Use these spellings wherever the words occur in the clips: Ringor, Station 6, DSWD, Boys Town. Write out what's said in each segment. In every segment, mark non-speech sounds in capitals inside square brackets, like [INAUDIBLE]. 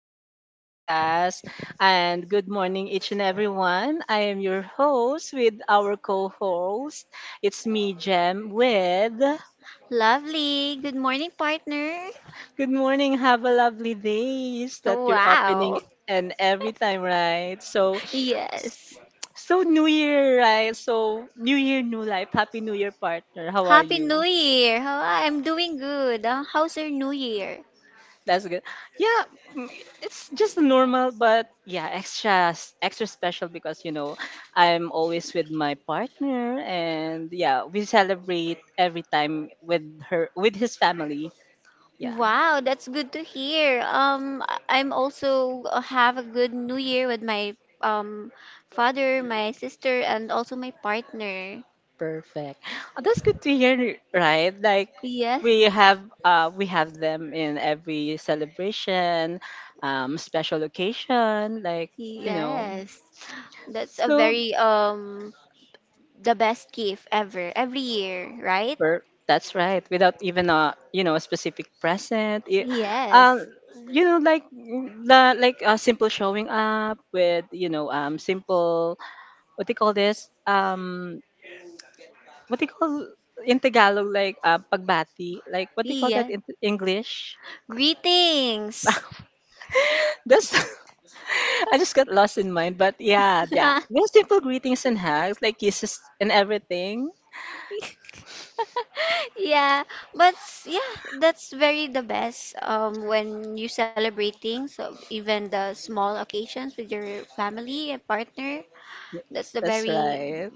our podcast. And good morning, each and everyone. I am your host with our co host. It's me, Jem, with Lovely. Good morning, partner. good morning. Have a lovely day. Is that you're Wow. opening [LAUGHS] and every time, right? So, Yes. so New Year, right? So, New Year, new life. Happy New Year, partner. How are Happy New you? Year. How I'm doing good. How's your New Year? That's good. Yeah, mm, it's just normal, but yeah, extra special because I'm always with my partner, and yeah, we celebrate every time with her with his family. Yeah, Wow, that's good to hear. I'm also have a good New Year with my father, my sister, and also my partner. perfect. Oh, that's good to hear, right? Like Yes. We have them in every celebration, special occasion, like you know. Yes. That's a So very the best gift ever every year, right? where that's right, without even a a specific present. Um, Yes. Like the like a simple showing up with simple what do you call this um what do you call in Tagalog like pagbati, like what do you call that Yes. in English? Greetings. [LAUGHS] That's [LAUGHS] I just got lost in mind, but yeah, [LAUGHS] just simple greetings and hugs, like kisses and everything. Yeah, yeah, that's very the best when you celebrate things, so even the small occasions with your family and partner. Y- That's the That's very right.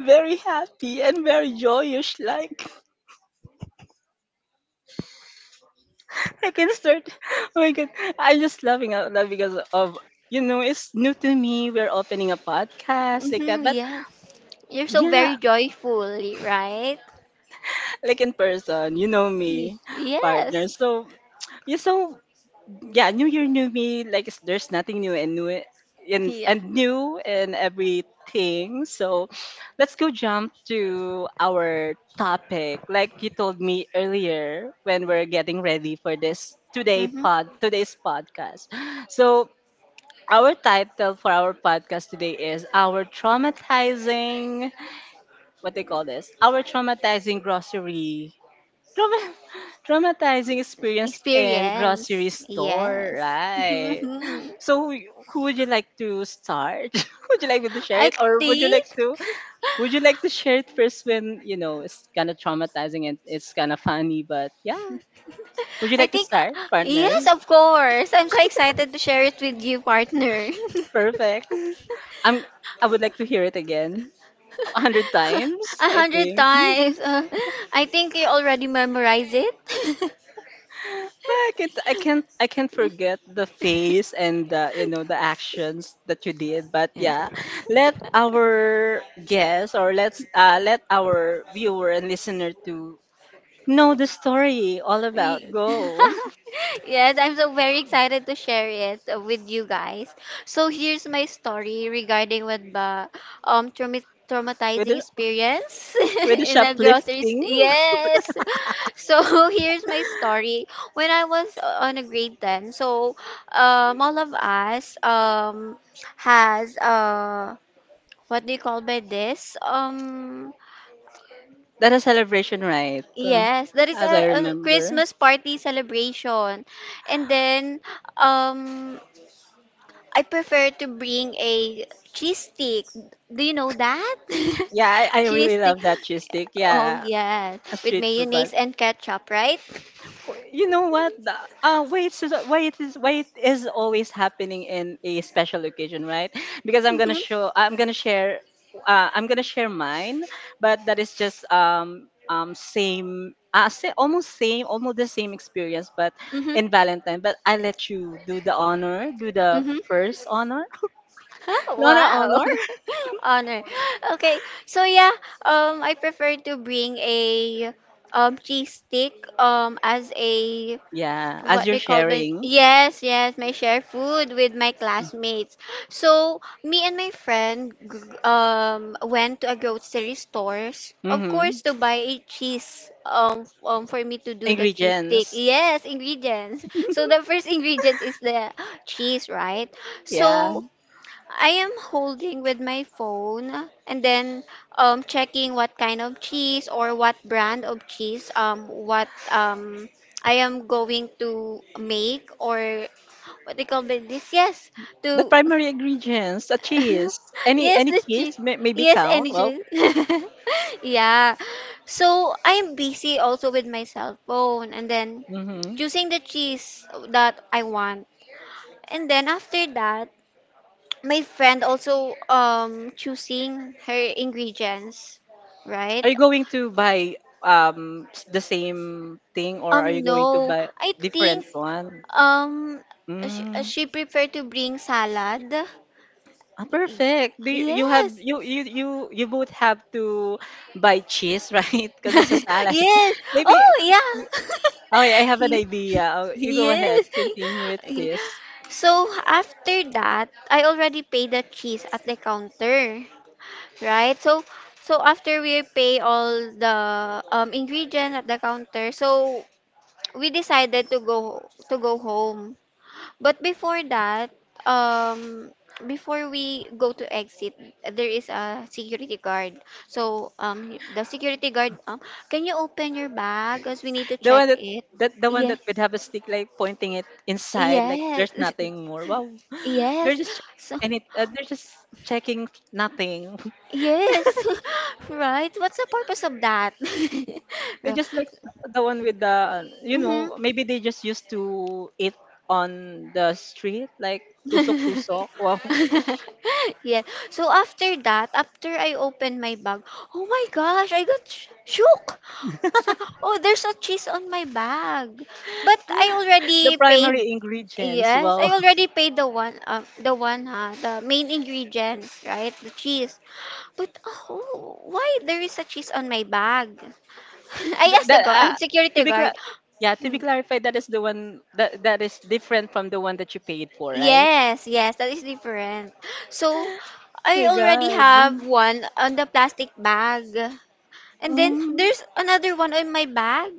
Very happy and very joyous, like. I can start. [LAUGHS] Oh my god, I'm just laughing out loud because of you know it's new to me. We're opening a podcast like that, mm-hmm, but yes. You're so yeah, very joyful, right? like in person, you know Y- me, partner. Yes. So yeah, new year, new me. Like there's nothing new and new and Yeah. and new in everything. So let's go jump to our topic. Like you told me earlier when we're getting ready for this Mm-hmm. Today's podcast. So our title for our podcast today is our traumatizing, what they call this? Our traumatizing grocery. Trauma, [LAUGHS] traumatizing experience in Experience. grocery store, Yes. [LAUGHS] right? So, who would you like to start? [LAUGHS] Would you like me to share I it, or would you think. like to? [LAUGHS] Would you like to share it first when you know it's kind of traumatizing and it's kind of funny? But yeah, would you [LAUGHS] I like to think, start, partner? yes, of course. I'm so excited to share it with you, partner. [LAUGHS] Perfect. [LAUGHS] I'm. I would like to hear it again. Hundred times, A I hundred think. times. I think you already memorized it. I can't forget the face and the, you know, the actions that you did. But yeah, let [LAUGHS] [LAUGHS] our guests or let our viewer and listener to know the story all about Y- go [LAUGHS] Yes, I'm so very excited to share it with you guys. So here's my story regarding with the [LAUGHS] with traumatizing the experience with the [LAUGHS] in a grocery store. shoplifting. Yes. So [LAUGHS] here's my story. When I was on a grade 10, so all of us has what do you call by this? Um, That a celebration, right? Yes, that is as I a remember. Christmas party celebration. And then um I prefer to bring a cheese stick. Do you know that? [LAUGHS] Yeah, I Cheese really stick. love that cheese stick. Oh Yeah, yes, a with street food, but mayonnaise and ketchup, right? you know what? The- why it is always happening in a special occasion, right? Because Mhm. I'm gonna share mine, but that is just same say almost same almost the same experience, but Mhm. in Valentine. But I let you do the honor, do the Mhm. first honor, Huh, honor wow. honor. [LAUGHS] Honor. Okay. So yeah, I prefer to bring a cheese stick as a Yeah, as what you're they call by, sharing yes, my share food with my classmates. So me and my friend went to a grocery stores, of mm-hmm. course, to buy a cheese, for me to do the cheese stick, Ingredients. yes, ingredients. So the first [LAUGHS] ingredients is the cheese, right? Yeah. So I am holding with my phone, and then checking what kind of cheese or what brand of cheese, what I am going to make, or what they call it this, yes, The to primary ingredients, a cheese. [LAUGHS] Yes, Any the cheese, cheese maybe yes, count. energy. Well, [LAUGHS] Yeah, so I am busy also with my cell phone, and then hmm, choosing the cheese that I want. And then after that, my friend also choosing her ingredients, right? are you going to buy the same thing, or are you going to No, buy I think different one? um she, Mm. she prefer to bring salad. Ah, Y- perfect. You have Yes. you both have to buy cheese, [LAUGHS] right? Because it's a [LAUGHS] salad. Yes. [LAUGHS] Maybe. Oh yeah. Y- Okay, I [LAUGHS] have an He- idea. Oh, you go ahead. Yes. Continue with [LAUGHS] this. So after that, I already paid the cheese at the counter, right? So so after we pay all the ingredients at the counter, so we decided to go home. But before that, um before we go to exit, there is a security guard. So the security guard, can you open your bag? Cause we need to The check one that it. that the one that Yes. would have a stick like pointing it inside, like there's Yes. [LAUGHS] nothing more. Wow. They're Yes. just, So, and it they're just checking nothing. [LAUGHS] yes, [LAUGHS] right. What's the purpose of that? [LAUGHS] They just like the one with the, you Mm-hmm. know, maybe they just used to eat on the street like tusok [LAUGHS] tusok. Well, Yeah. So after that, after I opened my bag, oh my gosh, I got shook. So, oh, there's a cheese on my bag. But I [LAUGHS] the already paid. primary ingredients. Yes, I Well, already paid the one, huh, the main ingredient, right? The cheese. But oh, why there is a cheese on my bag? [LAUGHS] [LAUGHS] I asked the that guard, security to be guard. cla- yeah, to be clarified, that is the one that is different from the one that you paid for, right? Yes, yes, that is different. So, I My already God. have one on the plastic bag. And then Mm. there's another one on my bag.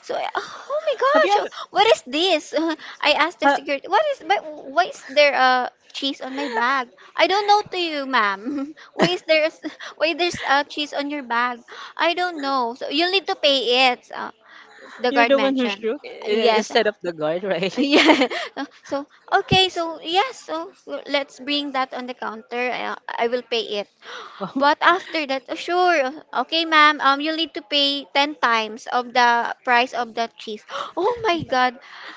So, oh my Have you gosh, oh, ever? what is this? [LAUGHS] I asked the Ha, security, what is, but why is there a cheese on my bag? I don't know to you, ma'am. [LAUGHS] Why is there, [LAUGHS] why there's a cheese on your bag? I don't know. So, you'll need to pay it, the you're guard the one who mentioned. shook Yes. instead of the guard, [LAUGHS] right? [LAUGHS] Yeah. So, okay. So, yes. So, let's bring that on the counter. I will pay it. [GASPS] Wow. But after that, oh, sure. Okay, ma'am. You need to pay 10 times of the price of that cheese. [GASPS] Oh my God.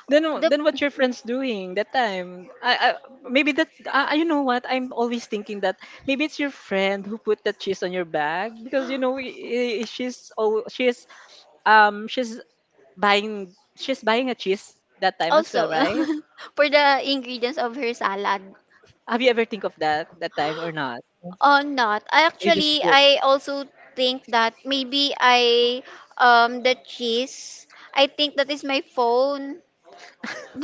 The Then what your friends doing that time? I maybe that you know what, I'm always thinking that maybe it's your friend who put that cheese on your bag, because you know um she's she's buying a cheese that time as well, also right? [LAUGHS] for the ingredients of her salad. Have you ever think of that that time or not? Oh, not. I You just actually shook. I also think that maybe I the cheese. I think that is my phone. [LAUGHS]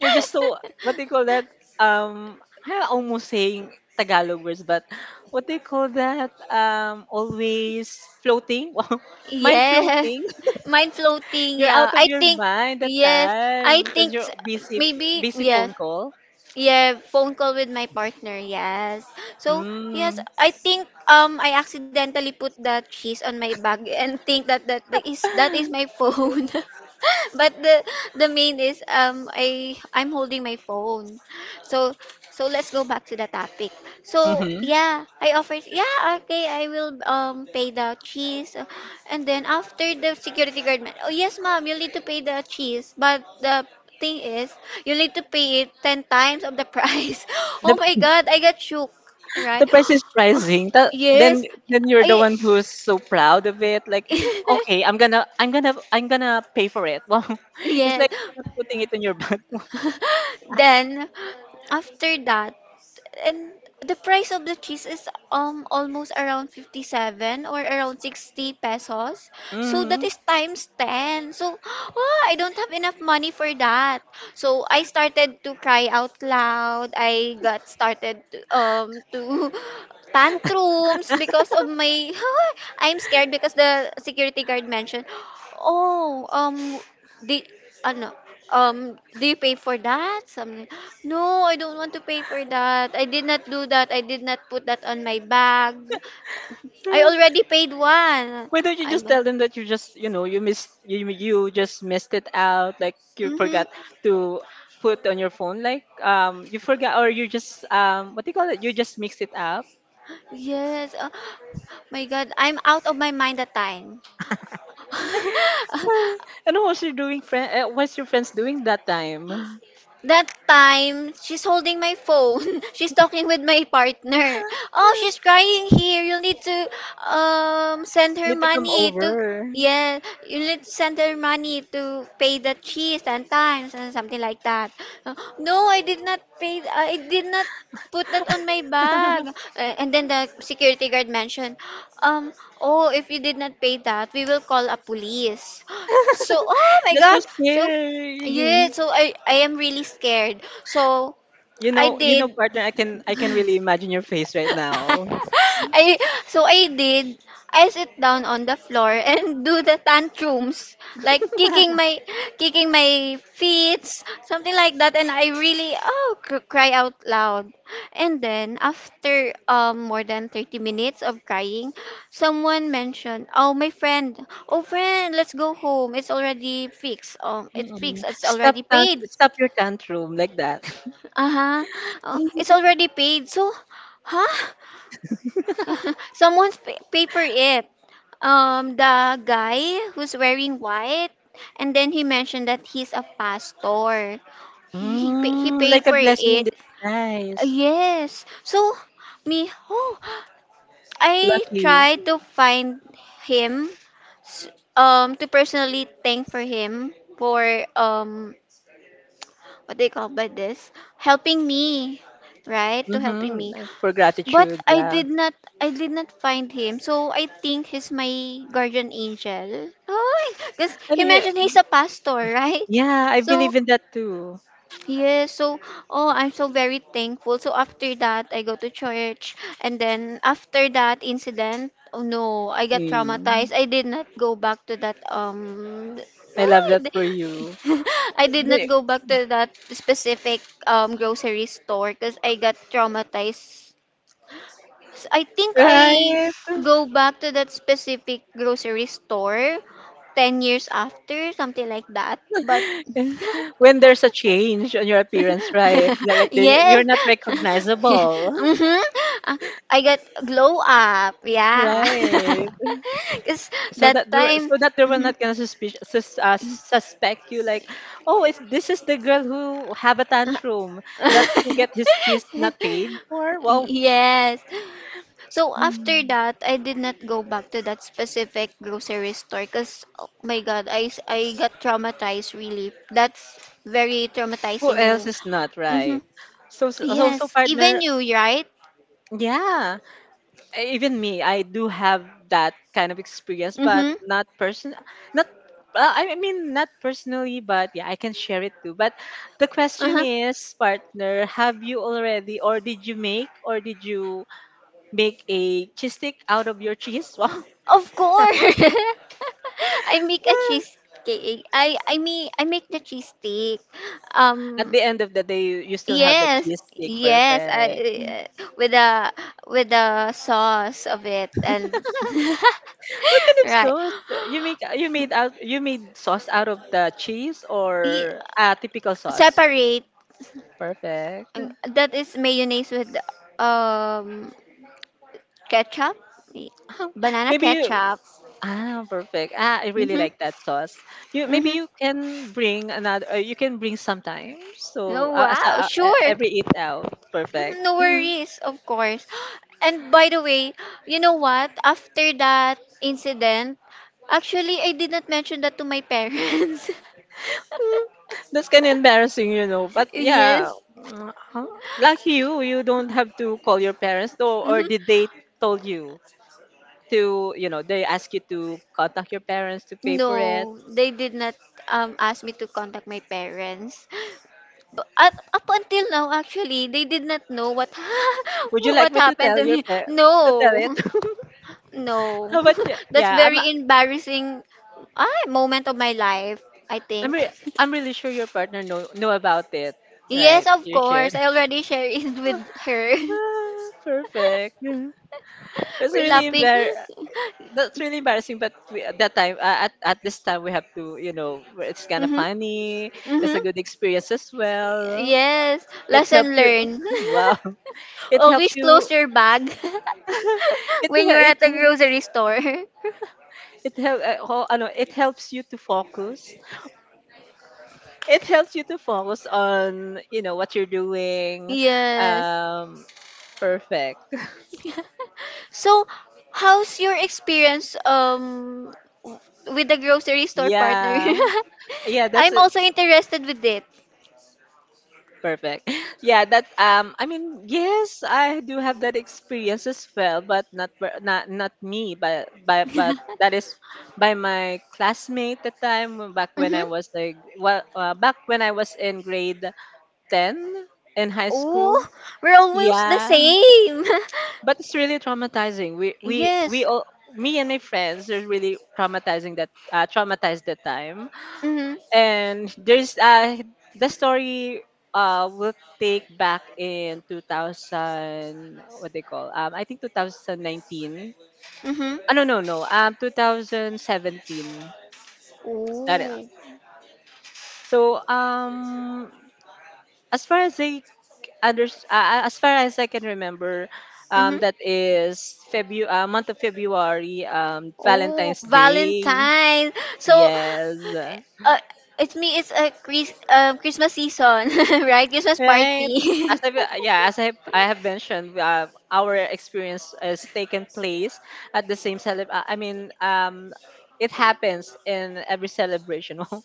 You're just so what do you call that? Um, I almost saying Tagalog words, but what do you call that? Always floating. [LAUGHS] Mind Yeah, floating. mind floating. You're Yeah, out of I your think mind that yes. I time because think you're s- maybe busy yeah, phone call. yeah. Phone call with my partner. Yes. So yes, Mm. I think I accidentally put the cheese on my bag and think that that is my [LAUGHS] phone. [LAUGHS] But the main is I'm holding my phone. So so let's go back to the topic. So hmm, yeah, I offered yeah okay I will pay the cheese. And then after, the security guard man, oh yes ma'am you'll need to pay the cheese, but the thing is you need to pay it 10 times of the price. [LAUGHS] Oh The my god, I got shook, the right. price is rising. [GASPS] Then Yes. then you're I, the one who's so proud of it. Like, okay, [LAUGHS] I'm gonna pay for it. [LAUGHS] Wow, it's yes. like you're not putting it in your back. [LAUGHS] [LAUGHS] Then after that, and the price of the cheese is almost around 57 or around 60 pesos. So that Mm-hmm. is times 10. So [GASPS] ah, I don't have enough money for that. So I started to cry out loud. I got started to [LAUGHS] tantrums because of my [LAUGHS] I'm scared because the security guard mentioned, "Oh, um, Di ano, do you pay for that?" Something. [GASPS] No, I don't want to pay for that. I did not do that. I did not put that on my bag. I already paid one. Why don't you I'm just like, tell them that you just, you know, you you just missed it out, like you mm-hmm. forgot to put on your phone, like you forgot or you just what do you call it, you just mixed it up. Yes. [GASPS] My God, I'm out of my mind that time. [LAUGHS] [LAUGHS] And what was your doing friend? What's your friends doing that time? That time, she's holding my phone. [LAUGHS] She's talking with my partner. Oh, she's [LAUGHS] crying here. You'll need to send her Need to come money to over. yeah, you need to send her money to pay the cheese and times and something like that. Uh, No, I did not pay. I did not put that on my [LAUGHS] bag. And then the security guard mentioned, um, oh, if you did not pay that, we will call a police. [GASPS] So, oh my That's so God. So yeah, scary. so I am really scared. So I You know, did partner. I can [LAUGHS] really imagine your face right now. I so I did I sit down on the floor [LAUGHS] and do the tantrums, like [LAUGHS] kicking my feet something like that, and I really oh cry out loud. And then after more than 30 minutes of crying, someone mentioned oh my friend, oh friend let's go home, it's already fixed, it's Mm-mm. fixed, it's already paid. Stop your tantrum like that. Uh-huh. Oh, it's already paid. So, huh? [LAUGHS] [LAUGHS] Someone's pay for it. The guy who's wearing white, and then he mentioned that he's a pastor. He Mm, like paid a for blessing in it. Disguise. Yes. So, me, oh, I Lucky you. tried to find him, s- to personally thank for him for um, what do you call by this? Helping me, right? To helping Mm-hmm. me. Like for But gratitude, yeah. I did not find him. So I think he's my guardian angel. Oh, because And he yeah, mentioned he's a pastor, right? yeah, I So believe in that too. yes, so oh I'm so very thankful. So after that I go to church. And then after that incident, oh no, I got traumatized. Mm, I did not go back to that I love that for [LAUGHS] you. I did not The- go back to that specific grocery store because I got traumatized. I think I Right. go back to that specific grocery store 10 years after, something like that. But [LAUGHS] When there's a change on your appearance, right? [LAUGHS] Like you're yes. not [LAUGHS] recognizable. Mm-hmm. Uh, I got glow up. [LAUGHS] Yeah. Right. [LAUGHS] Cuz So that that there, time so that they [LAUGHS] were mhm. not gonna suspect you, like, oh, if this is the girl who have a tantrum that who get his cheese not paid for. Well, [LAUGHS] Yes. So after hmm, that, I did not go back to that specific grocery store because, oh my God, I got traumatized really. That's very who else traumatizing. is not Mm-hmm. right? So, Yes. Even partner, you, right? yeah, even me, I do have that kind of experience, but Mm-hmm. Not I mean, not personally. But yeah, I can share it too. But the question Uh-huh. is, partner, have you already or did you make, or did you make a cheese stick out of your cheese? [LAUGHS] Of course. [LAUGHS] I make a Wow. cheesecake. I make the cheesecake. At Um, the end of the day, you still have the yes, cheese stick. yes, Perfect. I, with the sauce of it and [LAUGHS] What kind of right. sauce you make? You made out. You made sauce out of the cheese Y- or a typical sauce? Separate. Perfect. [LAUGHS] That is mayonnaise with um ketchup, Y- Oh, banana maybe you. ketchup. Ah, perfect. Ah, I really Mhm. like that sauce. You maybe Mhm. you can bring another. You can bring sometimes. So Oh wow, sure. every eat out. Perfect. Mhm, no [LAUGHS] worries, of course. [GASPS] And by the way, you know what? After that incident, actually I did not mention that to my parents. [LAUGHS] [LAUGHS] Mm, that's kind of embarrassing, you know. But yeah, Yes. Huh? Like you don't have to call your parents, though, or Hmm. did they told you to, you know, they ask you to contact your parents to pay for it? No, they did not ask me to contact my parents. But up until now, actually, they did not know what [LAUGHS] Would you like what me to happened tell to your me. parents to tell it? No, [LAUGHS] no, How about you? [LAUGHS] that's very embarrassing, ah, moment of my life. I I'm, think. re- [LAUGHS] I'm really sure your partner know about it, Yes, right? of You course. should. I already shared it with her. [LAUGHS] Ah, perfect. [LAUGHS] That's We're really laughing. embar. [LAUGHS] That's really embarrassing, but we, at that time, at this time, we have to, you know, where it's kind of Mm-hmm. funny. It's Mm-hmm. a good experience as well. Yes, It helps lesson you. [LAUGHS] learned. Wow, [LAUGHS] it helps Always you. close your bag [LAUGHS] [LAUGHS] it when you're hel- it at the hel- grocery store. [LAUGHS] it help. It helps you to focus. It helps you to focus on you know what you're doing. Yes. Um, perfect. [LAUGHS] [LAUGHS] So, how's your experience w- with the grocery store partner? [LAUGHS] Yeah, yeah. That's I'm also interested with it. perfect. [LAUGHS] Yeah, that I mean, yes, I do have that experience as well, but not not me, but by but that [LAUGHS] is by my classmate at the time back when Mm-hmm. I was like back when I was in grade 10 in high school. Oh, we're almost the Yeah, same. but it's really traumatizing. We [LAUGHS] we we Yes. all me and my friends are really traumatizing that traumatized that time, Mm-hmm. and there's the story will take back in 2000 what they call I think 2019, Mm-hmm. oh, no 2017. That Oh. so as far as under, as far as I can remember Mm-hmm. that is february month of february Oh, valentine's day, Valentine. So, yes. uh, it's me. It's a Christmas season, [LAUGHS] right? Christmas Right. party. As [LAUGHS] I have mentioned, our experience has taken place at the same celeb. It happens in every celebration, [LAUGHS]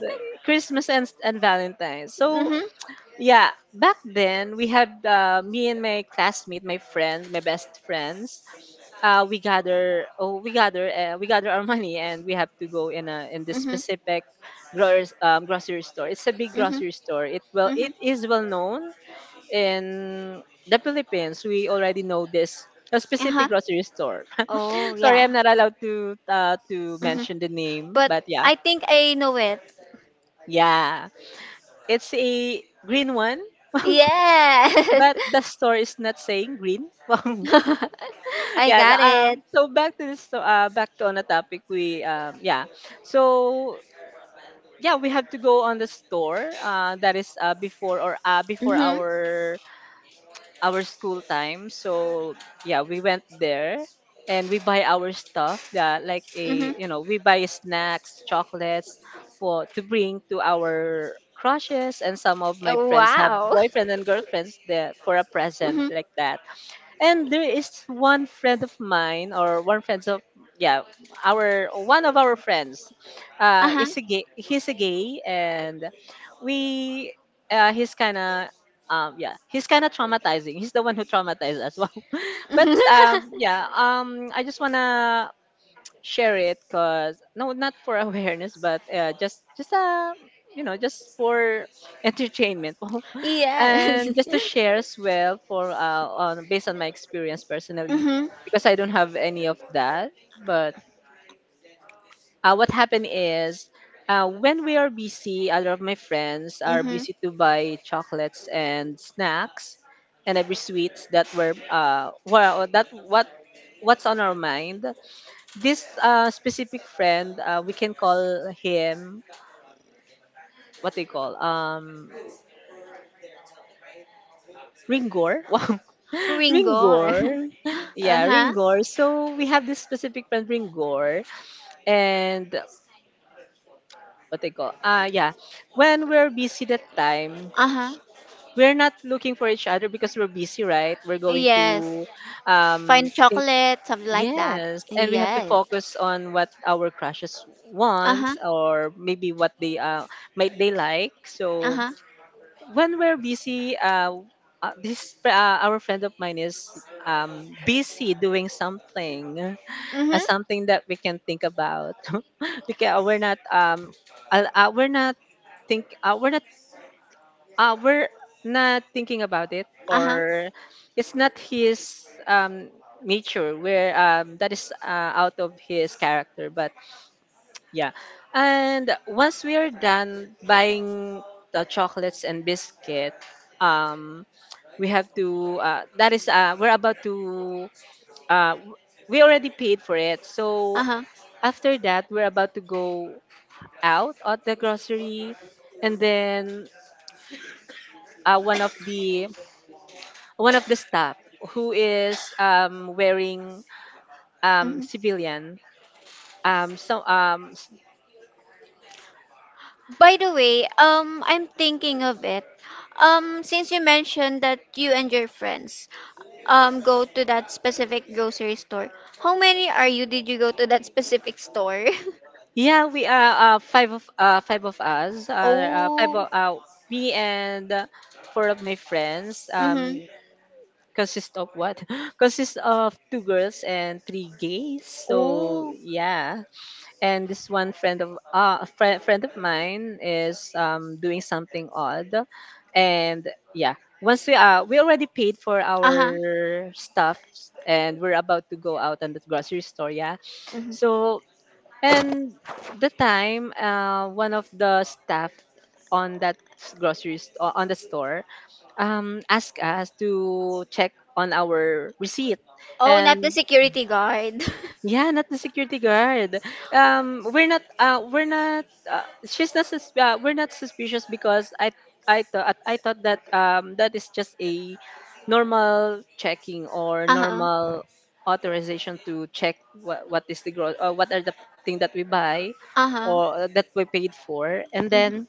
so, Christmas and Valentine's. So Mhm. yeah, back then we had me and my classmate, my friends, my best friends. We gather our [LAUGHS] money, and we have to go in a in this Mhm. specific grocery store. It's a big Mhm. grocery store. It well, it Mhm. is well known in the Philippines. We already know this a Uh-huh. specific grocery store. [LAUGHS] Oh, Sorry, I'm yeah. not allowed to Mhm. mention the name, But but yeah, I think I know it. yeah, it's a green one Yes. but the store is not saying green. [LAUGHS] Wow. [LAUGHS] I Yeah. Got it. So back to this. Back to on a topic. We. Yeah. So yeah, we have to go on the store. That is. Before Mhm. our school time. So yeah, we went there and we buy our stuff. Yeah. Like Mhm. a. We buy snacks, chocolates, for to bring to our crushes, and some of my Oh, friends have wow. boyfriend and girlfriends there for a [LAUGHS] present Mhm. like that. And there is one friend of mine, or one friend of, yeah, our one of our friends, Uh-huh. is a gay. He's a gay, and we, he's kind of, yeah, he's kind of traumatizing. He's the one who traumatized us. [LAUGHS] Wow. But [LAUGHS] yeah, I just wanna share it because no, not for [LAUGHS] awareness, but just for entertainment. [LAUGHS] yes. And [LAUGHS] just to share as well for on based on my experience personally, Mm-hmm. because I don't have any of that. But what happened is, when we are busy, a lot of my friends are Mm-hmm. busy to buy chocolates and snacks and every sweets that were, well, that what what's on our mind. This specific friend, we can call him what they call, Ringor. [LAUGHS] Ringo. Ringor. [LAUGHS] [LAUGHS] Yeah, Uh-huh. Ringor. So we have this specific friend Ringor, and what they call, yeah. When we're busy that time, Uh-huh. we're not looking for each other because we're busy, right? We're going Yes. to Find think, chocolate, something like that. yes, and we have to Yes. focus on what our crushes Uh-huh. wants, or maybe what they, might they like. So Uh-huh. when we're busy, this, our friend of mine is busy doing something, as Mm-hmm. something that we can think about. [LAUGHS] We're not, think we're not, we're not thinking about it, Uh-huh. or it's not his nature, where that is out of his character. But yeah. And once we are done buying the chocolates and biscuit, um we have to, that is, we're about to, uh, w- we already paid for it. So Uh-huh. after that, we're about to go out at the grocery, and then, one of the staff, who is wearing Mm-hmm. civilian. Um, so um, s- By the way, I'm thinking of it. Since you mentioned that you and your friends go to that specific grocery store, how many are you? Did you go to that specific store? [LAUGHS] yeah, we are, five of, five of us. Five Oh. of, me and, four of my friends. Mm-hmm. Consist of what? [GASPS] [LAUGHS] Consist of two girls and three gays. So Oh. yeah. And this one friend of, friend of mine is, doing something odd. And yeah, once we already paid for Uh-huh. our stuff, and we're about to go out on the grocery store, yeah. So, and the time, one of the staff on that grocery store, on the store, asked us to check on our receipt. Oh, not the And security guard. [LAUGHS] yeah, not the security guard. We're not. We're not. She's not. We're not suspicious, because I. I thought. I thought that, that is just a normal checking, or Uh-huh. normal authorization to check what is the gross, or what are the thing that we buy, Uh-huh. or that we paid for. And Mm-hmm. then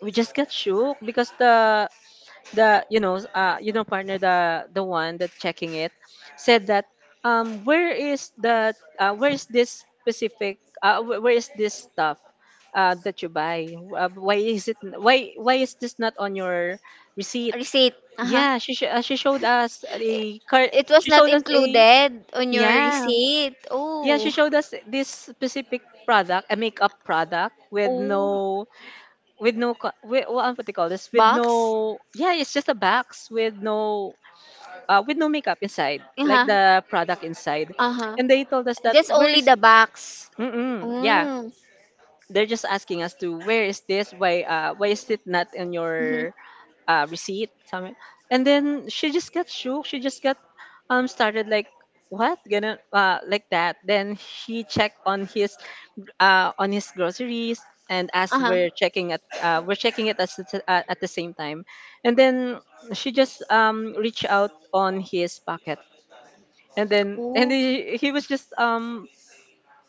we just got shook because the, you know, partner, the one that checking it said that, where is that, where is this specific, where is this stuff that you buy, why is this not on your receipt. Receipt. Uh-huh. Yeah, she showed us I- a car. It was She not showed us a, included on your yeah, receipt. yeah, she Oh. showed us this specific product, a makeup product, with Oh. no, with, what do you call this, with Box? no, yeah, it's just a box with no makeup inside, like Uh-huh. the product inside. Uh-huh. And they told us that, Just where only is. the box. Mm-mm, yeah, Oh. they're just asking us to where is this. Why, why is it not in Mm-hmm. your receipt? Something. And then she just got shook. She just got started like what gonna, like that. Then he checked on his, on his groceries, and as Uh-huh. We're checking it, as at the same time. And then she just reached out on his pocket, and then, and Oh. he was just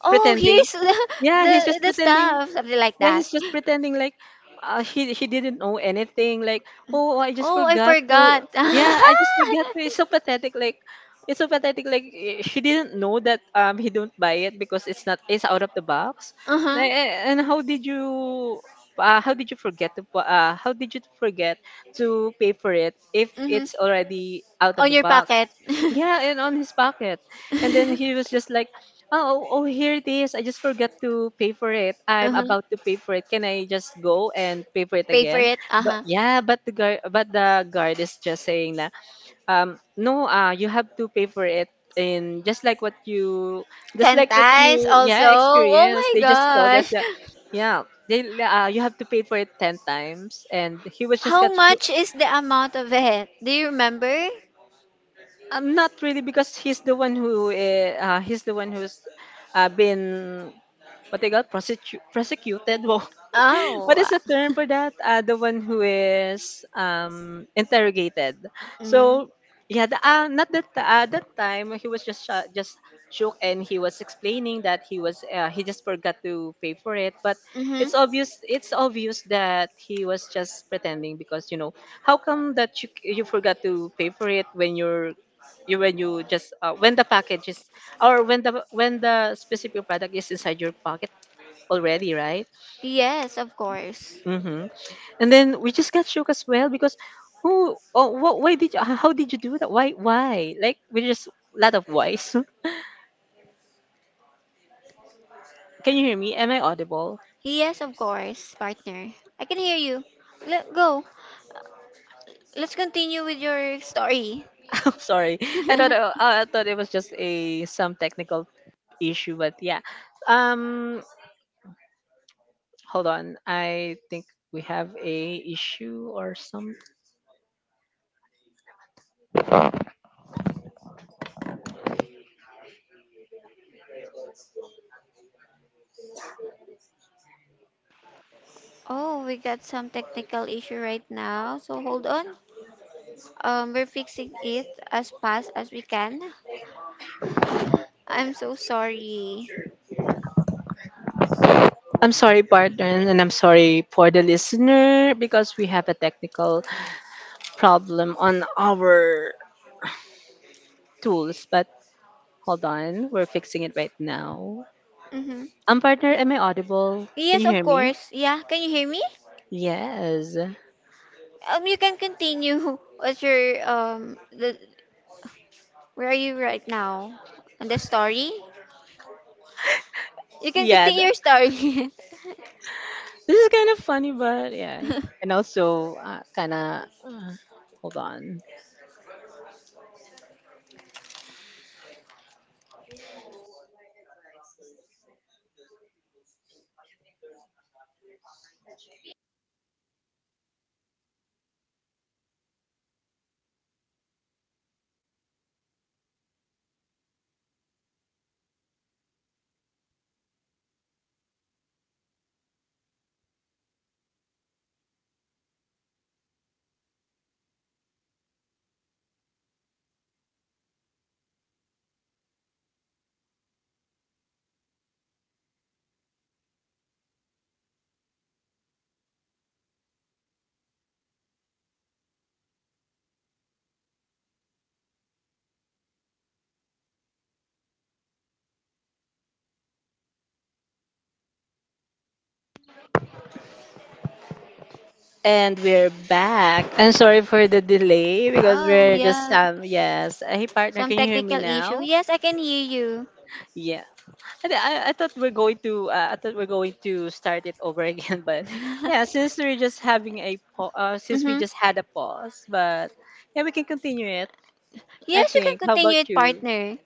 Oh, pretending. here's the, [LAUGHS] Yeah, he's the just the pretending. stuff. Something like Yeah, that. he's just pretending like, he didn't know anything, like, oh, I just Oh, I forgot to. forgot. Yeah, I [LAUGHS] just forgot to. It's so pathetic, like. It's so pathetic, like, eh, she didn't know that he don't buy it because it's not, it's out of the box. Uh-huh. Eh, eh, and how did you forget to pay for it if Mhm. it's already out of On the your box? pocket. Yeah, and on his pocket. And then he [LAUGHS] was just like, oh, oh, here it is. I just forgot to pay for it. I'm Uh-huh. about to pay for it. Can I just go and pay for it Pay for again? it. But Uh-huh. yeah, but the guard is just saying that, no, you have to pay for it. In, just 10 like what times you, also. yeah, Oh experienced. my They just told us gosh. that, yeah, you have to pay for it 10 times. And he was just How got. much is the amount of it? Do you remember? Not really, because he's the one who's, been, what they got, prosecuted. [LAUGHS] Wow, what Oh. is the term for [LAUGHS] that? The one who is, interrogated. Mm. So yeah, not that that time he was just shook, and he was explaining that he just forgot to pay for it. But it's Mm-hmm. obvious, that he was just pretending, because, you know, how come that you forgot to pay for it when you're you when you just when the package is, or when the specific product is inside your pocket already, right? Yes, of course. Mm-hmm. And then we just got shook as well, because, who, oh, what, why did you h- how did you do that, why, like, we just. Lot of whys. [LAUGHS] Can you hear me? Am I audible? Yes, of course, partner. I can hear you. Let go. Let's continue with your story. [LAUGHS] Sorry, [LAUGHS] I thought it was just a some technical issue, but yeah. um Hold on, I think we have a issue or something. Oh, we got some technical issue right now. So hold on. We're fixing it as fast as we can. I'm so sorry. I'm sorry partner, and I'm sorry for the listener because we have a technical problem on our tools, but hold on, we're fixing it right now. Mm-hmm. Partner, am I audible? Can Yes, you of hear me? course. Yeah, can you hear me? Yes. You can continue. [LAUGHS] What's your the Where are you right now? On the story? You can Yeah, continue your story. this is kind of funny, but yeah. [LAUGHS] And also, kind of, hold on. And we're back. I'm sorry for the delay because Oh, we're just, yeah. Yes. Hey, partner, Some can you hear me technical issue. now? Yes, I can hear you. Yeah. I thought we're going to, start it over [LAUGHS] again. But yeah, since [LAUGHS] we Mm-hmm. just had a pause. But yeah, we can continue it, I Yes, you can think. How about continue it, you? partner.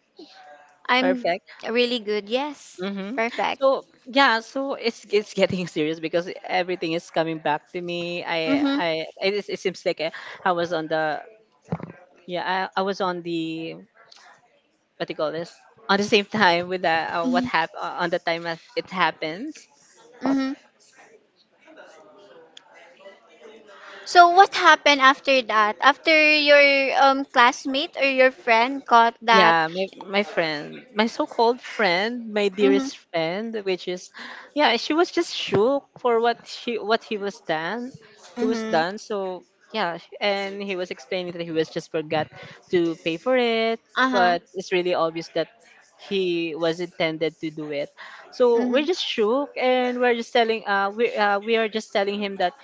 I'm Perfect. really good. Yes. Mm-hmm. Perfect. So yeah, so it's getting [LAUGHS] serious because everything is coming back to me. Mm-hmm. It seems like I was on the, yeah, I was on the, what do you call this, on the same [LAUGHS] time with the, what happened on the time that it happens. Mm-hmm. So what happened after that? After your classmate or your friend caught that? Yeah, my friend, my so-called friend, my Mhm. dearest friend, which is, yeah, she was just shook for what he was done, he was Mhm. done. So yeah, and he was explaining that he was just forgot to pay for it. Uh-huh. But it's really obvious that he was intended to do it. So we're Mhm. just shook, and we are just telling him that,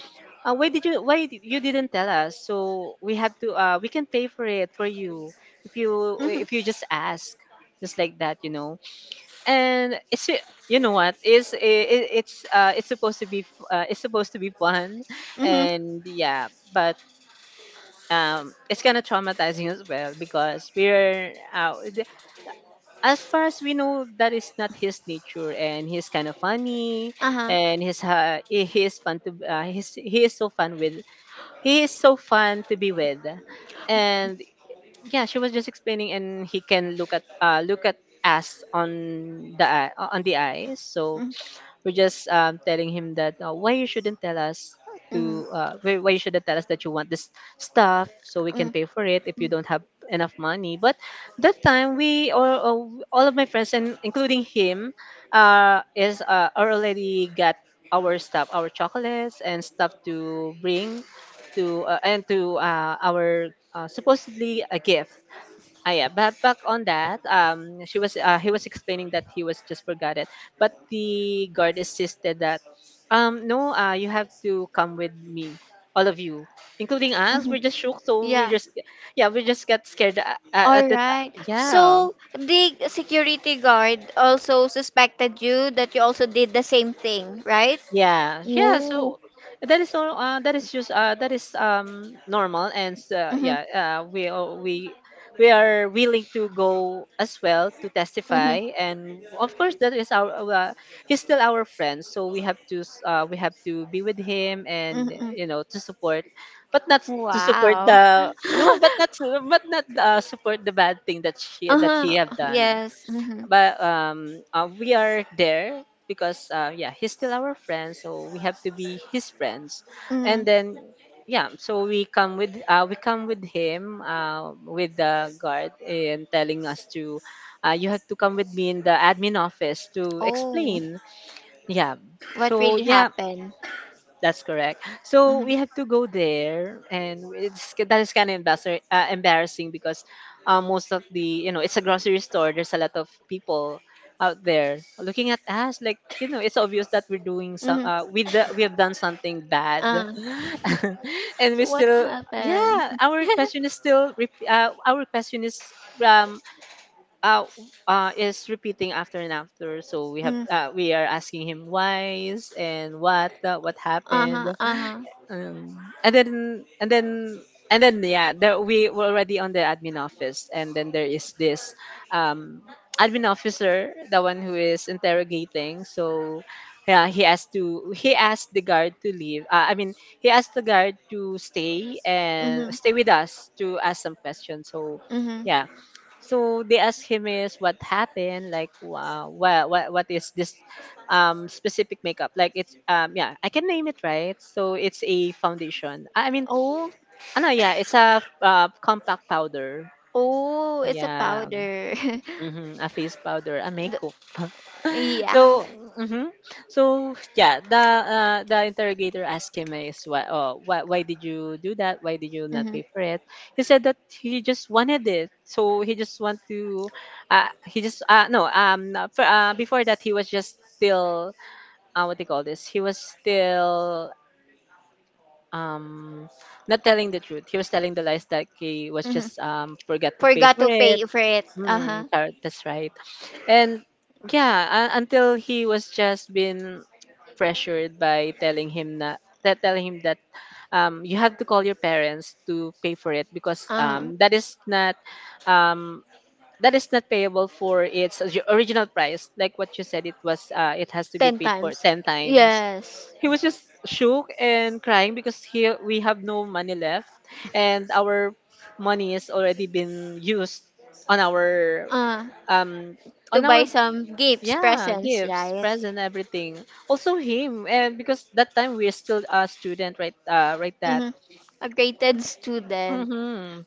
you didn't tell us. So we have to we can pay for it for you if you Mhm. if you just ask, just like that. And it's what is it, it's supposed to be it's supposed to be fun, Mhm. and yeah, but it's kind of traumatizing as well because as far as we know that is not his nature and he's kind of funny Uh-huh. and he is fun to he's he is so fun with he is so fun to be with. And yeah, she was just explaining and he can look at us on the eye, on the eyes. So Mhm. we're just telling him that why you shouldn't tell us Mhm. to why you shouldn't tell us that you want this stuff, so we can Mhm. pay for it if you don't have enough money. But that time we all of my friends and including him is are already got our stuff, our chocolates and stuff to bring to our, supposedly, a gift. Ah, yeah, but back on that, she was he was explaining that he was just forgot it, but the guard insisted that, no, you have to come with me, all of you, including us. Mhm. We're just shook, so we Yeah. just, yeah, we just got scared at, at All the, right. yeah. So the security guard also suspected you that you also did the same thing, right? Yeah, yeah. Ooh. So that is all. That is just. That is normal, and Mhm. yeah. We are willing to go as well to Mhm. testify, and of course that is our. He's still our friend, so we have to. We have to be with him, and Mhm. you know, to support, but not s- to support Wow. the no, [LAUGHS] but not to- but not support the bad thing that she that he Uh-huh. have done. Yes. Mhm. But we are there because yeah, he's still our friend, so we have to be his friends. And Mhm. then yeah, so we come with him, with the guard, and telling us to, you have to come with me in the admin office to Oh, explain. Yeah, what so really yeah, happened? that's correct. So Mm-hmm. we have to go there, and it's that is kind of embarrassing, embarrassing because most of the, you know, it's a grocery store. There's a lot of people out there looking at us like, you know, it's obvious that we're doing some, Mm-hmm. We have done something bad, Uh, [LAUGHS] [LAUGHS] and we so what still, happened? yeah, [LAUGHS] our question is, um uh, is repeating after and after. So we have, Mm. We are asking him why is, and what happened. Uh-huh, uh-huh. um, and then and then and then yeah, there, we were already on the admin office, and then there is this, um, admin officer, the one who is interrogating. So yeah, he asked the guard to leave. I mean, he asked the guard to stay and stay Mm-hmm. with us to ask some questions. So yeah, Mm-hmm. so they asked him is what happened, like wow, what is this specific makeup? Like it's, um, yeah, I can name it right. So it's a foundation. I mean, Oh, ano, yeah, it's a, compact powder. oh, it's a Yeah, powder. [LAUGHS] mm-hmm, a face powder, a The- makeup. yeah. So, mhm. So yeah, the interrogator asked him is why, oh, why did you do that? Why did you [LAUGHS] not Mm-hmm. pay for it? He said that he just wanted it. So he just want to, he just no for, before that he was just still, what they call this? He was still, um not telling the truth. He was telling the lies that he was Mm-hmm. just forgot to pay Forgot for to it. pay for it. Uh-huh. Mm, that's right. And yeah, until he was just been pressured by telling him that, you have to call your parents to pay for it, because Uh-huh. That is not, um, that is not payable for its original price. Like what you said, it was, it has to be Ten paid for times. ten times. Yes. He was just shook and crying because he we have no money left, and our money has already been used on our, Uh, um on to buy our, some gifts, yeah, presents, gifts, right? present, everything. Also him. And because that time we're still a student, right? Right that Mm-hmm. A graded student. Mm-hmm.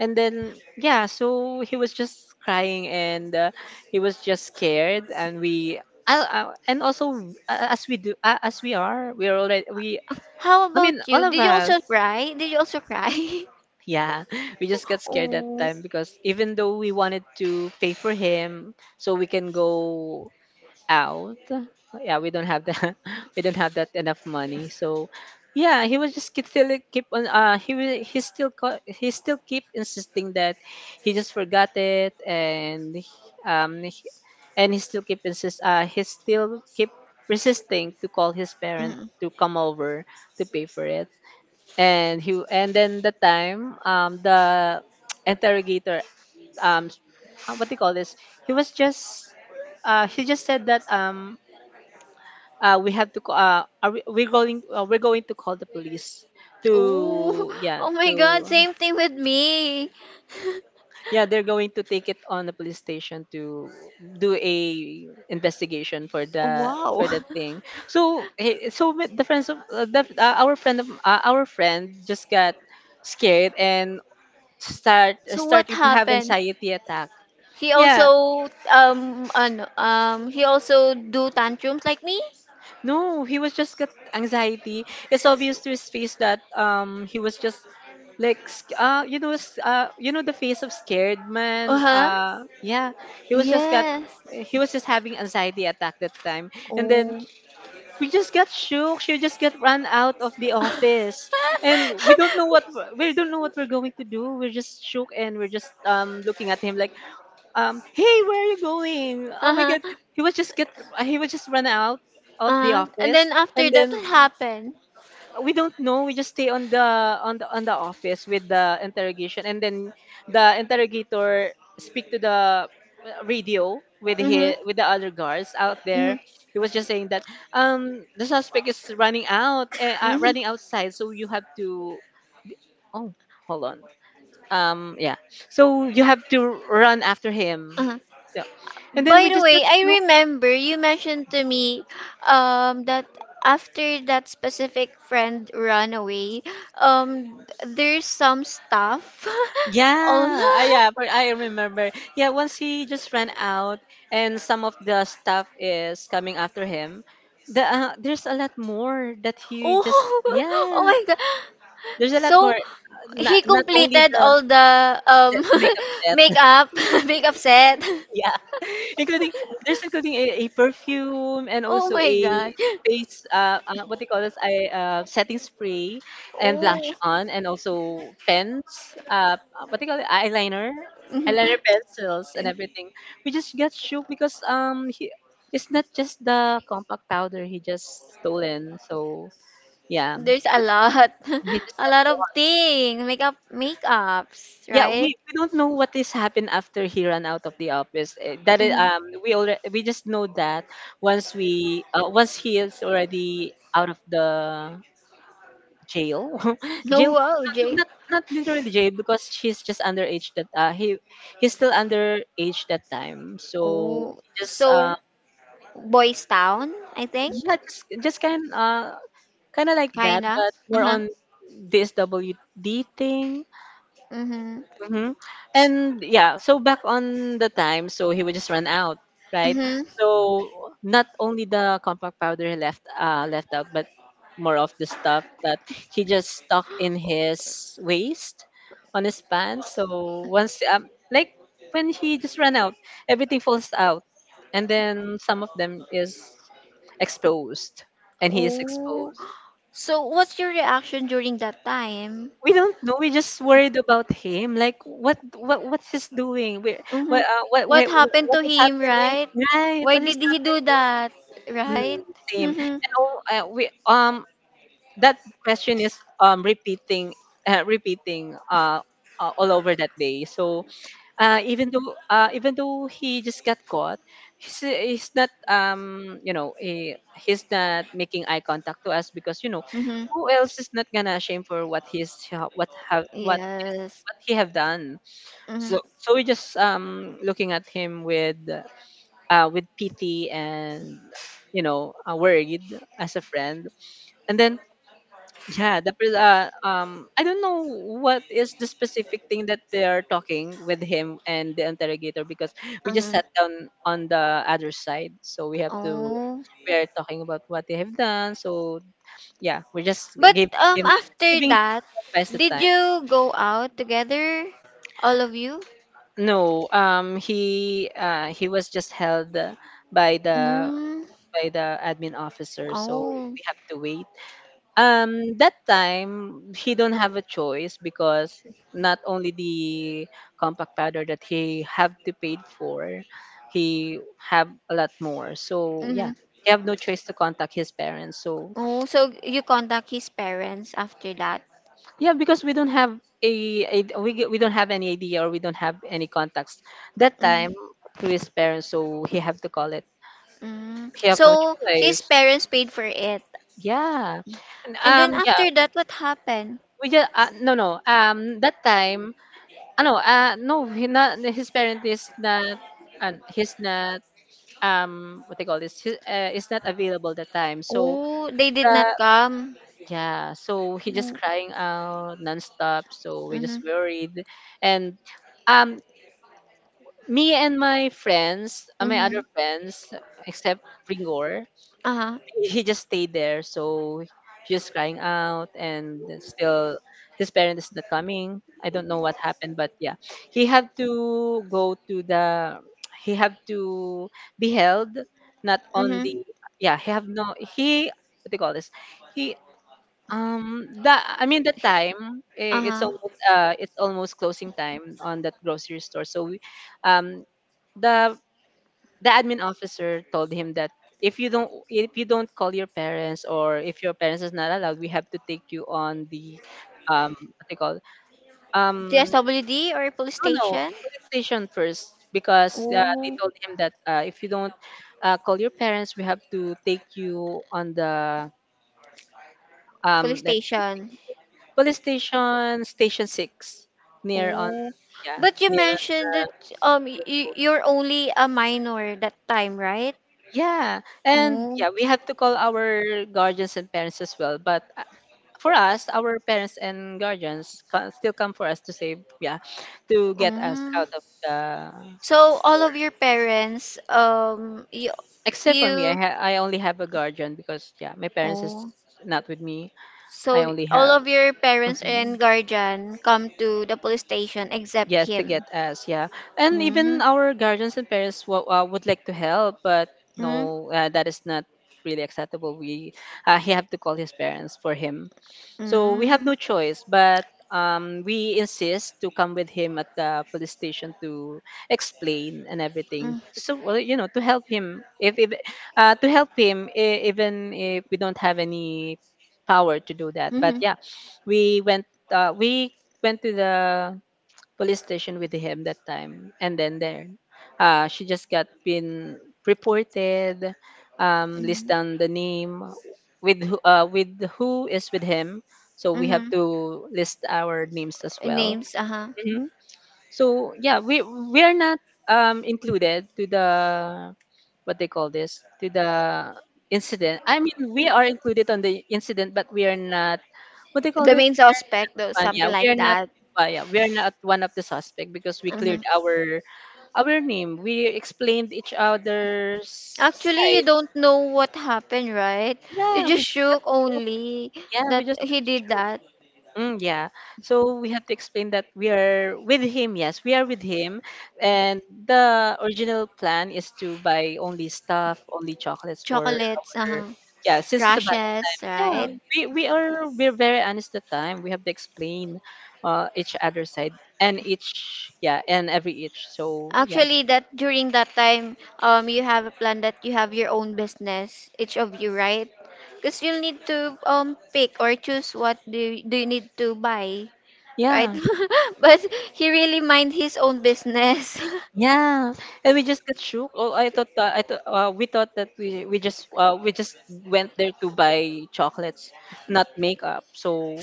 And then yeah, so he was just crying, and he was just scared, and we, and also, as we are, we're already we How I mean, about all you? of Did you also us, cry? Did you also cry? [LAUGHS] yeah. [LAUGHS] We just got scared that Oh. time, because even though we wanted to pay for him so we can go out. Yeah, we don't have that. [LAUGHS] We don't have that enough money. So, yeah, he was just keep still keep on. He still he still keep insisting that he just forgot it, and and he still keep insist. He still keep resisting to call his parent Mm. to come over to pay for it. And he and then the time, the [TSK] interrogator, um s- what do you call this? He was just he just said that, we have to we're going, we're going to call the police Oh. to [LAUGHS] yeah, Oh my God, to, same thing with me. [LAUGHS] yeah, they're going to take it on the police station to do a investigation for the Wow. for that thing. So with the friends of, our friend of, our friend just got scared and So what starting to have happened? anxiety attack. He Yeah, also he also do tantrums like me? no, he was just got anxiety. It's obvious to his face that he was just like, you know, you know, the face of scared man, Uh-huh. Yeah. he was just got Yes. he was just having anxiety attack that time. And then Oh. we just got shook. She just got run out of the office, [LAUGHS] and we don't know we don't know what we're going to do. We're just shook, and we're just, looking at him like, hey, where are you going? Oh my Uh-huh. god. he was just get he was just run out of the Uh-huh. And office. then after And that then what happened? we don't know, we just stay on the office with the interrogation. And then the interrogator speak to the, radio Mm-hmm. With the other guards out Mm-hmm. there. He was just saying that, the suspect is running out, Mm-hmm. running outside, so you have to be- oh, hold on. Um, yeah, so you have to run after him, Uh-huh. so. And then By we the just got way, I shook. remember you mentioned to me that after that specific friend ran away, um there's some stuff. [LAUGHS] Yeah, I Oh, yeah, but I remember. Yeah, once he just ran out and some of the stuff is coming after him. The, there's a lot more that [LAUGHS] he oh, just, [LAUGHS] oh yeah. my God. There's a lot more. So Uh, he not only completed the all the the makeup [LAUGHS] set. makeup [LAUGHS] makeup set. [LAUGHS] Yeah, [LAUGHS] including, there's including a perfume, and Oh also my a God. face, what they call this, I setting spray, and blush Oh. on, and also pens, what they call it, eyeliner, eyeliner pencils, and [LAUGHS] everything. We just got shook because he, it's not just the compact powder he just stolen. So yeah, he There's a just lot, he [LAUGHS] just a got lot of thing, makeup, makeups, Yeah, right? we don't know what is happened after he ran out of the office. Eh, that is, Mm-hmm. We just know that once we once he is already out of the jail, [LAUGHS] No, jail, wow, no, Jay. not not literally jail, because she's just underage that, he, he's still underage that time. So Oh, he just, so Boys Town, I think, yeah, just kind kind of like that, kinda. but more Uh-huh. on this WD thing. Mm-hmm. Hmm. And yeah, so back on the time, so he would just run out, right? Mm-hmm. So not only the compact powder he left, left out, but more of the stuff that he just stuck in his waist, on his pants. So once, like when he just ran out, everything falls out, and then some of them is exposed, and he is Oh, exposed. so what's your reaction during that time? We don't know. We just worried about him. Like what's he's doing? Where Mm-hmm. What what happened what to is him, happening? right? Right? Why What is did he do happening? that, right? Mm, same. Mm-hmm. And oh, we, that question is, repeating, uh, repeating uh, all over that day. So even though he just got caught, he's not, you know, he's not making eye contact to us, because you know, Mm-hmm. who else is not gonna ashamed for Yes. what he have done. Mm-hmm. So so we just, looking at him with, with pity and, you know, worried as a friend. And then yeah, I don't know what is the specific thing that they are talking with him and the interrogator, because we just Mm-hmm. sat down on the other side. So we have to, Oh. we are talking about what they have done. So yeah, we just But gave him after giving him that, advice at the did time. you go out together? All of you? No, he was just held, by the Mm. by the admin officer, so Oh. we have to wait. That time he don't have a choice, because not only the compact powder that he have to pay for, he have a lot more. So yeah, Mm-hmm. he have no choice to contact his parents. So, Oh, so you contact his parents after that. yeah, because we don't have a we don't have any idea, or we don't have any contacts that Mm-hmm. time to his parents, so he have to call it. Mm. He have no So his choice. parents paid for it. Yeah. And, And then yeah. after that, what happened? We just, no, no. That time, no. No, he not, his parent is not, he's not, what they call this, he, is not available that time. So, Oh, they did the, not come. yeah. So, he just Mm-hmm. crying out nonstop. So, we just worried. And, um, me and my friends, my Mm-hmm. other friends, except Ringor, Uh-huh. he just stayed there. So she was crying out, and still his parent is not coming. I don't know what happened, but, yeah, he had to go to the. He had to be held, not on Mm-hmm. the. Yeah, he have no. He, what do you call this? He, that, I mean, the time, it's Uh-huh. almost uh it's almost closing time on that grocery store. So we, um the, admin officer told him that, if you don't, call your parents, or if your parents is not allowed, we have to take you on the, what they call, um DSWD or police no, no, station? police station first. Because, they Oh. told him that, if you don't, call your parents, we have to take you on the, Police let me station. think, police station six near on, Oh, yeah, but you near on mentioned that um the. you you're only a minor that time, right? Yeah, and, Oh, yeah, we have to call our guardians and parents as well. But, for us, our parents and guardians can still come for us to save, yeah, to get us um. out of the So all store. of your parents you Except for me, you I only have a guardian, because, yeah, my parents is oh not with me. I so only all have. of your parents Mhm. and guardian come to the police station except Yes, to him. get us, yeah. And Mm, even our guardians and parents, would like to help, but mm, no, that is not really acceptable. We he have to call his parents for him, so we have mm, no choice. But, we insist to come with him at the police station to explain and mm, everything. So, well, you know, to help him if, to help him, even if we don't have any power to do that. But, mm, yeah, we went to the police station with him that time, and then there, she just got been reported, list mm, down the name with who, is with him, so we have mm. to list our names as well. Names, uh-huh. Mhm. So, yeah, we are not, included to the, what they call this, to the incident. I mean, we are included on the incident, but we are not what they call The this main suspect, though, one. something Yeah, we like are not. that. Yeah, we are not one of the suspect, because we Mm-hmm. cleared our name. We explained each other's Actually, you side. don't know what happened, right? You Yeah, just we just got shook through. only Yeah, we that just got he did through. that. Mm, yeah. So we have to explain that we are with him. Yes, we are with him. And the original plan is to buy only stuff, only chocolates for Chocolates, our. Yeah, since it's a. crashes, Yeah, right? we're very honest at the time. We have to explain, each other side and each, yeah, and every each. So, yeah. Actually, that during that time, you have a plan that you have your own business, each of you, right? Because you'll need to pick or choose what do you need to buy, right? Yeah. [LAUGHS] But he really mind his own business. [LAUGHS] Yeah, and we just got shook. Oh, I thought we thought that we just went there to buy chocolates, not makeup. So,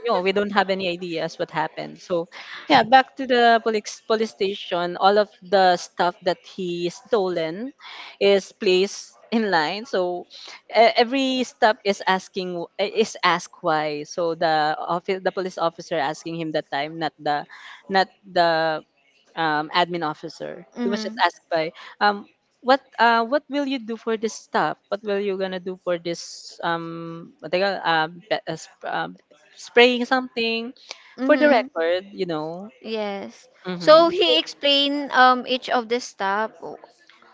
you know, we don't have any ideas what happened. So, yeah, back to the police station. All of the stuff that he stolen is placed in line. So, e- every stop is asking, is ask why. So, the police officer asking him that time, not the, not the admin officer. He was just Mm-hmm. asked by, um, what, what will you do for this stuff? What will you gonna do for this, what they call, spraying something, for the Mm-hmm. record? You know. Yes. So Mhm. he explained each of the stop.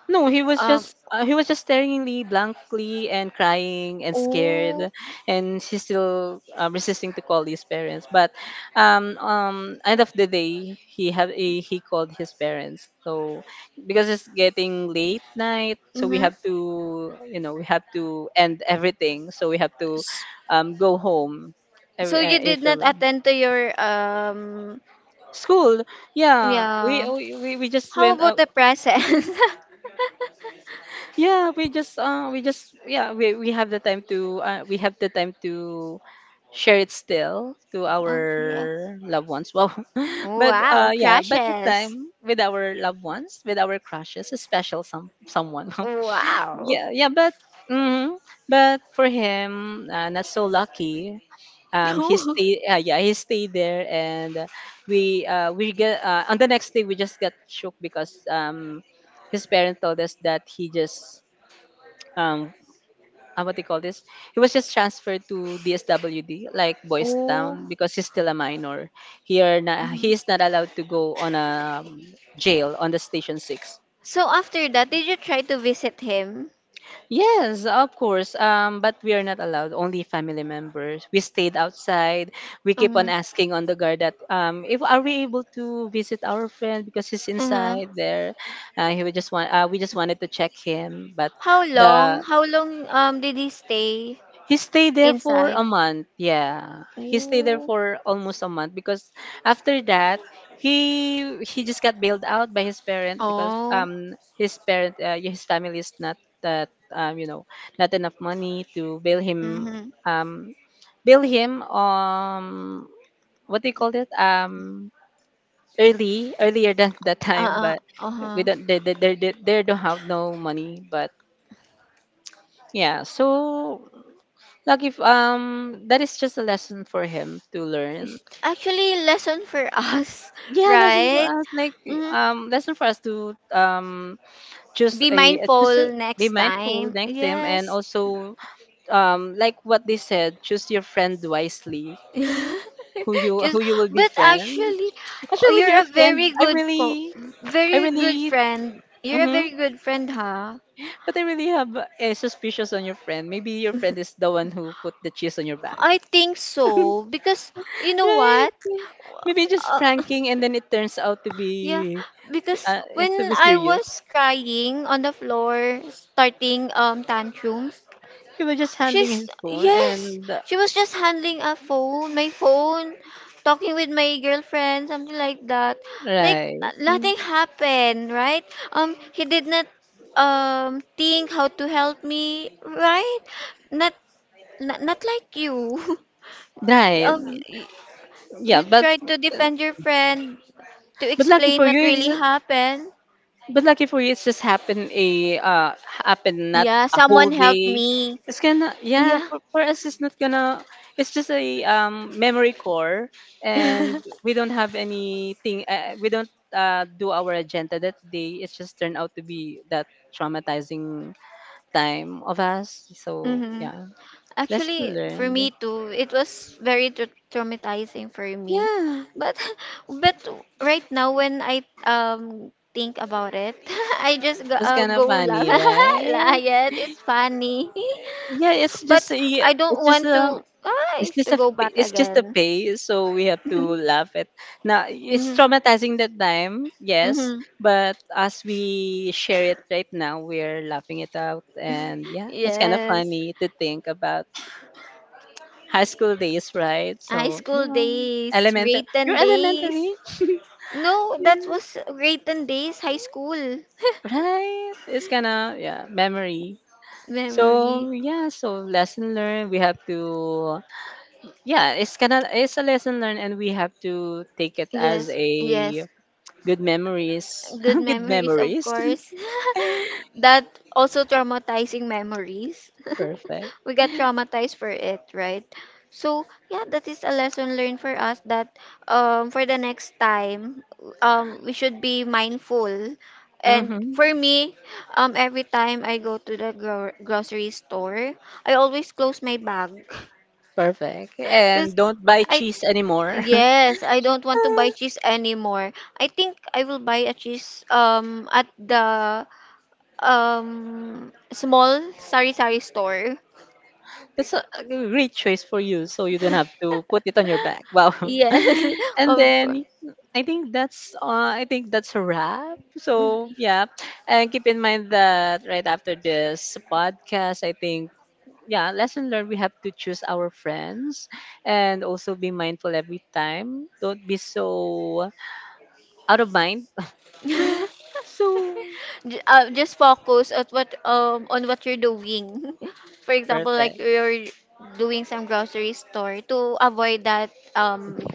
No, he was Um. just uh, he was just staring at me blankly and crying and scared, Oh. and he's still, resisting to call his parents. But, end of the day, he called his parents. So, because it's getting late night, so we Mm-hmm. have to, you know, we have to end everything. So we have to, go home. So you did Each not of 'em. attend to your. School, yeah. We Yeah. we we we just How went. About the present? [LAUGHS] yeah, we have the time to, share it still to Oh yeah. our loved ones, well. [LAUGHS] But, Wow. Yeah, but the time Crashes. with our loved ones, with our crushes, a special some someone. [LAUGHS] Wow. Yeah, yeah, but, mm, but for him, not so lucky. [LAUGHS] He Oh. stayed, he stayed there, and, we, we get, on the next day, we just got shook, because, his parent told us that he just, um what they call this, he was just transferred to DSWD, like Boys Oh. Town, because he's still a minor here na, he is Mhm. not allowed to go on a, jail on the station 6. So after that, did you try to visit him? Yes, of course, but we are not allowed, only family members. We stayed outside. We keep on Um. asking on the guard that, if are we able to visit our friend because he's Uh-huh. inside there. He would just want we just wanted to check him, but How the. long? How long did he stay He stayed there for inside? a month. Yeah. He stayed there Mm. for almost a month, because after that he just got bailed out by his parent, because, Oh. His parent, yeah, his family is not that, you know, not enough money to Mhm. um bail him what do you call it, early earlier than [LAUGHS] that time, Uh-uh. but, we Uh-huh. don't they don't have no money, but, yeah, so, like, if, that is just a lesson for him to learn. It's actually lesson for [LAUGHS] us, Yeah, lesson for right? us. Like, Hmm. Lesson for us to, Be mindful be next mindful time. next time, and Yes. also, like what they said, choose your friend wisely. Who [LAUGHS] you Just, who you will but befriend. actually, Actually, you're your a very friend, I good really. I really. friend. You're a Mm-hmm. very good friend, huh? But I really have a suspicious on your friend. Maybe your friend [LAUGHS] is the one who put the cheese on your back, I think so because you know right? what? Maybe just Uh, [LAUGHS] pranking, and then it turns out to Yeah, be, because is when to be I serious. was crying on the floor, starting tantrums, He was just handling she's his phone, yes, and, she was just handling a phone, my phone, talking with my girlfriend, something like that. Like right, nothing happened, right? He did not think how to help me, right? Not not, not like you. [LAUGHS] right, um, you, yeah. But, tried to defend your friend to lucky explain for what you, really happened. but lucky for you, it's just happened a, happened not Yeah, a whole someone helped day. me. It's gonna, yeah, Yeah. for, us it's not gonna, it's just a, memory core, and [LAUGHS] we don't have anything, we don't do our agenda that day. It's just turned out to be that traumatizing time of us. So, Mm-hmm. yeah. Lesson Actually, for learned. me too, it was very traumatizing for me. Yeah, But [LAUGHS] but right now when I think about it, [LAUGHS] I just it's kind of go laugh. funny, [LAUGHS] right? Lion, it's funny. Yeah, [LAUGHS] it's But just a, I it's don't just want a, to it's just to a go back it's just a again. pay. So we have to [LAUGHS] laugh at. Now it's Mm-hmm. traumatizing that time, yes, Mm-hmm. but as we share it right now, we're laughing it out, and, [LAUGHS] yeah, it's kind of Yes. funny to think about high school days, right? High So, school yeah, days, grade you're 10 days. elementary, No, that yeah, was Rayton Days High School. [LAUGHS] right? It's kind of, yeah, memory. So, Memory. yeah, so lesson learned. We have to, yeah, it's kinda, it's a lesson learned, and we have to take it as Yes, a yes. good memories. Good [LAUGHS] Good memories, of memories. course. [LAUGHS] [LAUGHS] That also traumatizing memories. [LAUGHS] Perfect. We got traumatized for it, right? So, yeah, that is a lesson learned for us that for the next time, we should be mindful. And Mm-hmm. for me, every time I go to the grocery store, I always close my bag. [LAUGHS] Perfect. And Because don't buy I, cheese anymore. [LAUGHS] yes, I don't want to buy cheese anymore. I think I will buy a cheese at the small sari-sari store. That's a great choice for you, so you don't have to put it on [LAUGHS] your back. Wow. Yes, [LAUGHS] [LAUGHS] And of course. then, I think that's, I think that's a wrap. So, yeah, and keep in mind that right after this podcast, I think, yeah, lesson learned, we have to choose our friends, and also be mindful every time. Don't be so out of mind. [LAUGHS] [GASPS] J- [LAUGHS] So, just focus at what on what you're doing. [LAUGHS] For example, like perfect, you're doing some grocery store to avoid that um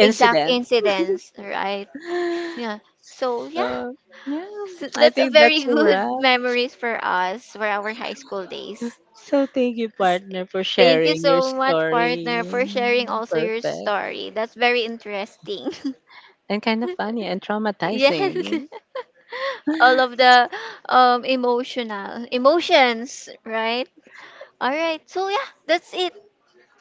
exact incidents, right? [SIGHS] Yeah. So yeah, So, yeah, so I that's a think that's very a good [LAUGHS] wrap. memories for us for our high school days. So thank you, S- partner, for Thank you sharing your so much, partner, story. for sharing also your Perfect, story. That's very interesting. and kind of funny, [LAUGHS] and Yes. [LAUGHS] traumatizing. All of the emotional emotions, right? All right. So yeah, that's it.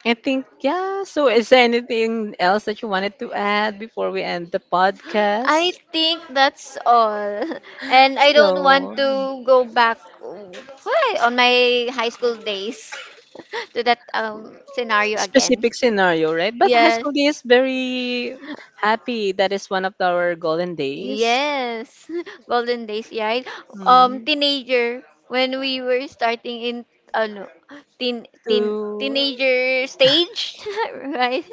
I think, yeah. So, is there anything else that you wanted to add before we end the podcast? I think that's all. [LAUGHS] And I don't So, want to go back why, on my high school days [LAUGHS] to that scenario again. specific scenario, right? But high Yes. school days, very happy. That is one of our golden days, Yes, [LAUGHS] golden days, right? Mm, Teenager, when we were starting in, ano, teen, teen, to teenager stage, [LAUGHS] right?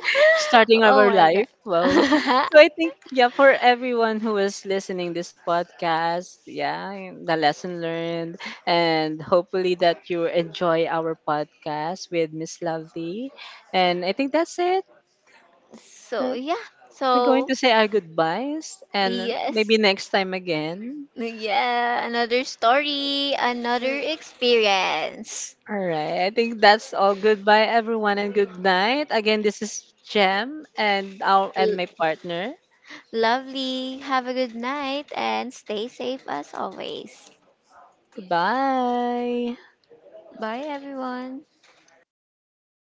[LAUGHS] starting Oh our my God. life. Wow. [LAUGHS] So I think, yeah, for everyone who is listening this podcast, yeah, the lesson learned. And hopefully that you enjoy our podcast with Miss Lovely. And I think that's it. So, yeah. We're going So, to say our goodbyes, and yes. maybe next time again. Yeah, another story, another experience. All right. I think that's all. Goodbye, everyone, and good night. Again, this is Jem, and our and L- my partner. lovely. Have a good night and stay safe as always. Goodbye. Bye, everyone.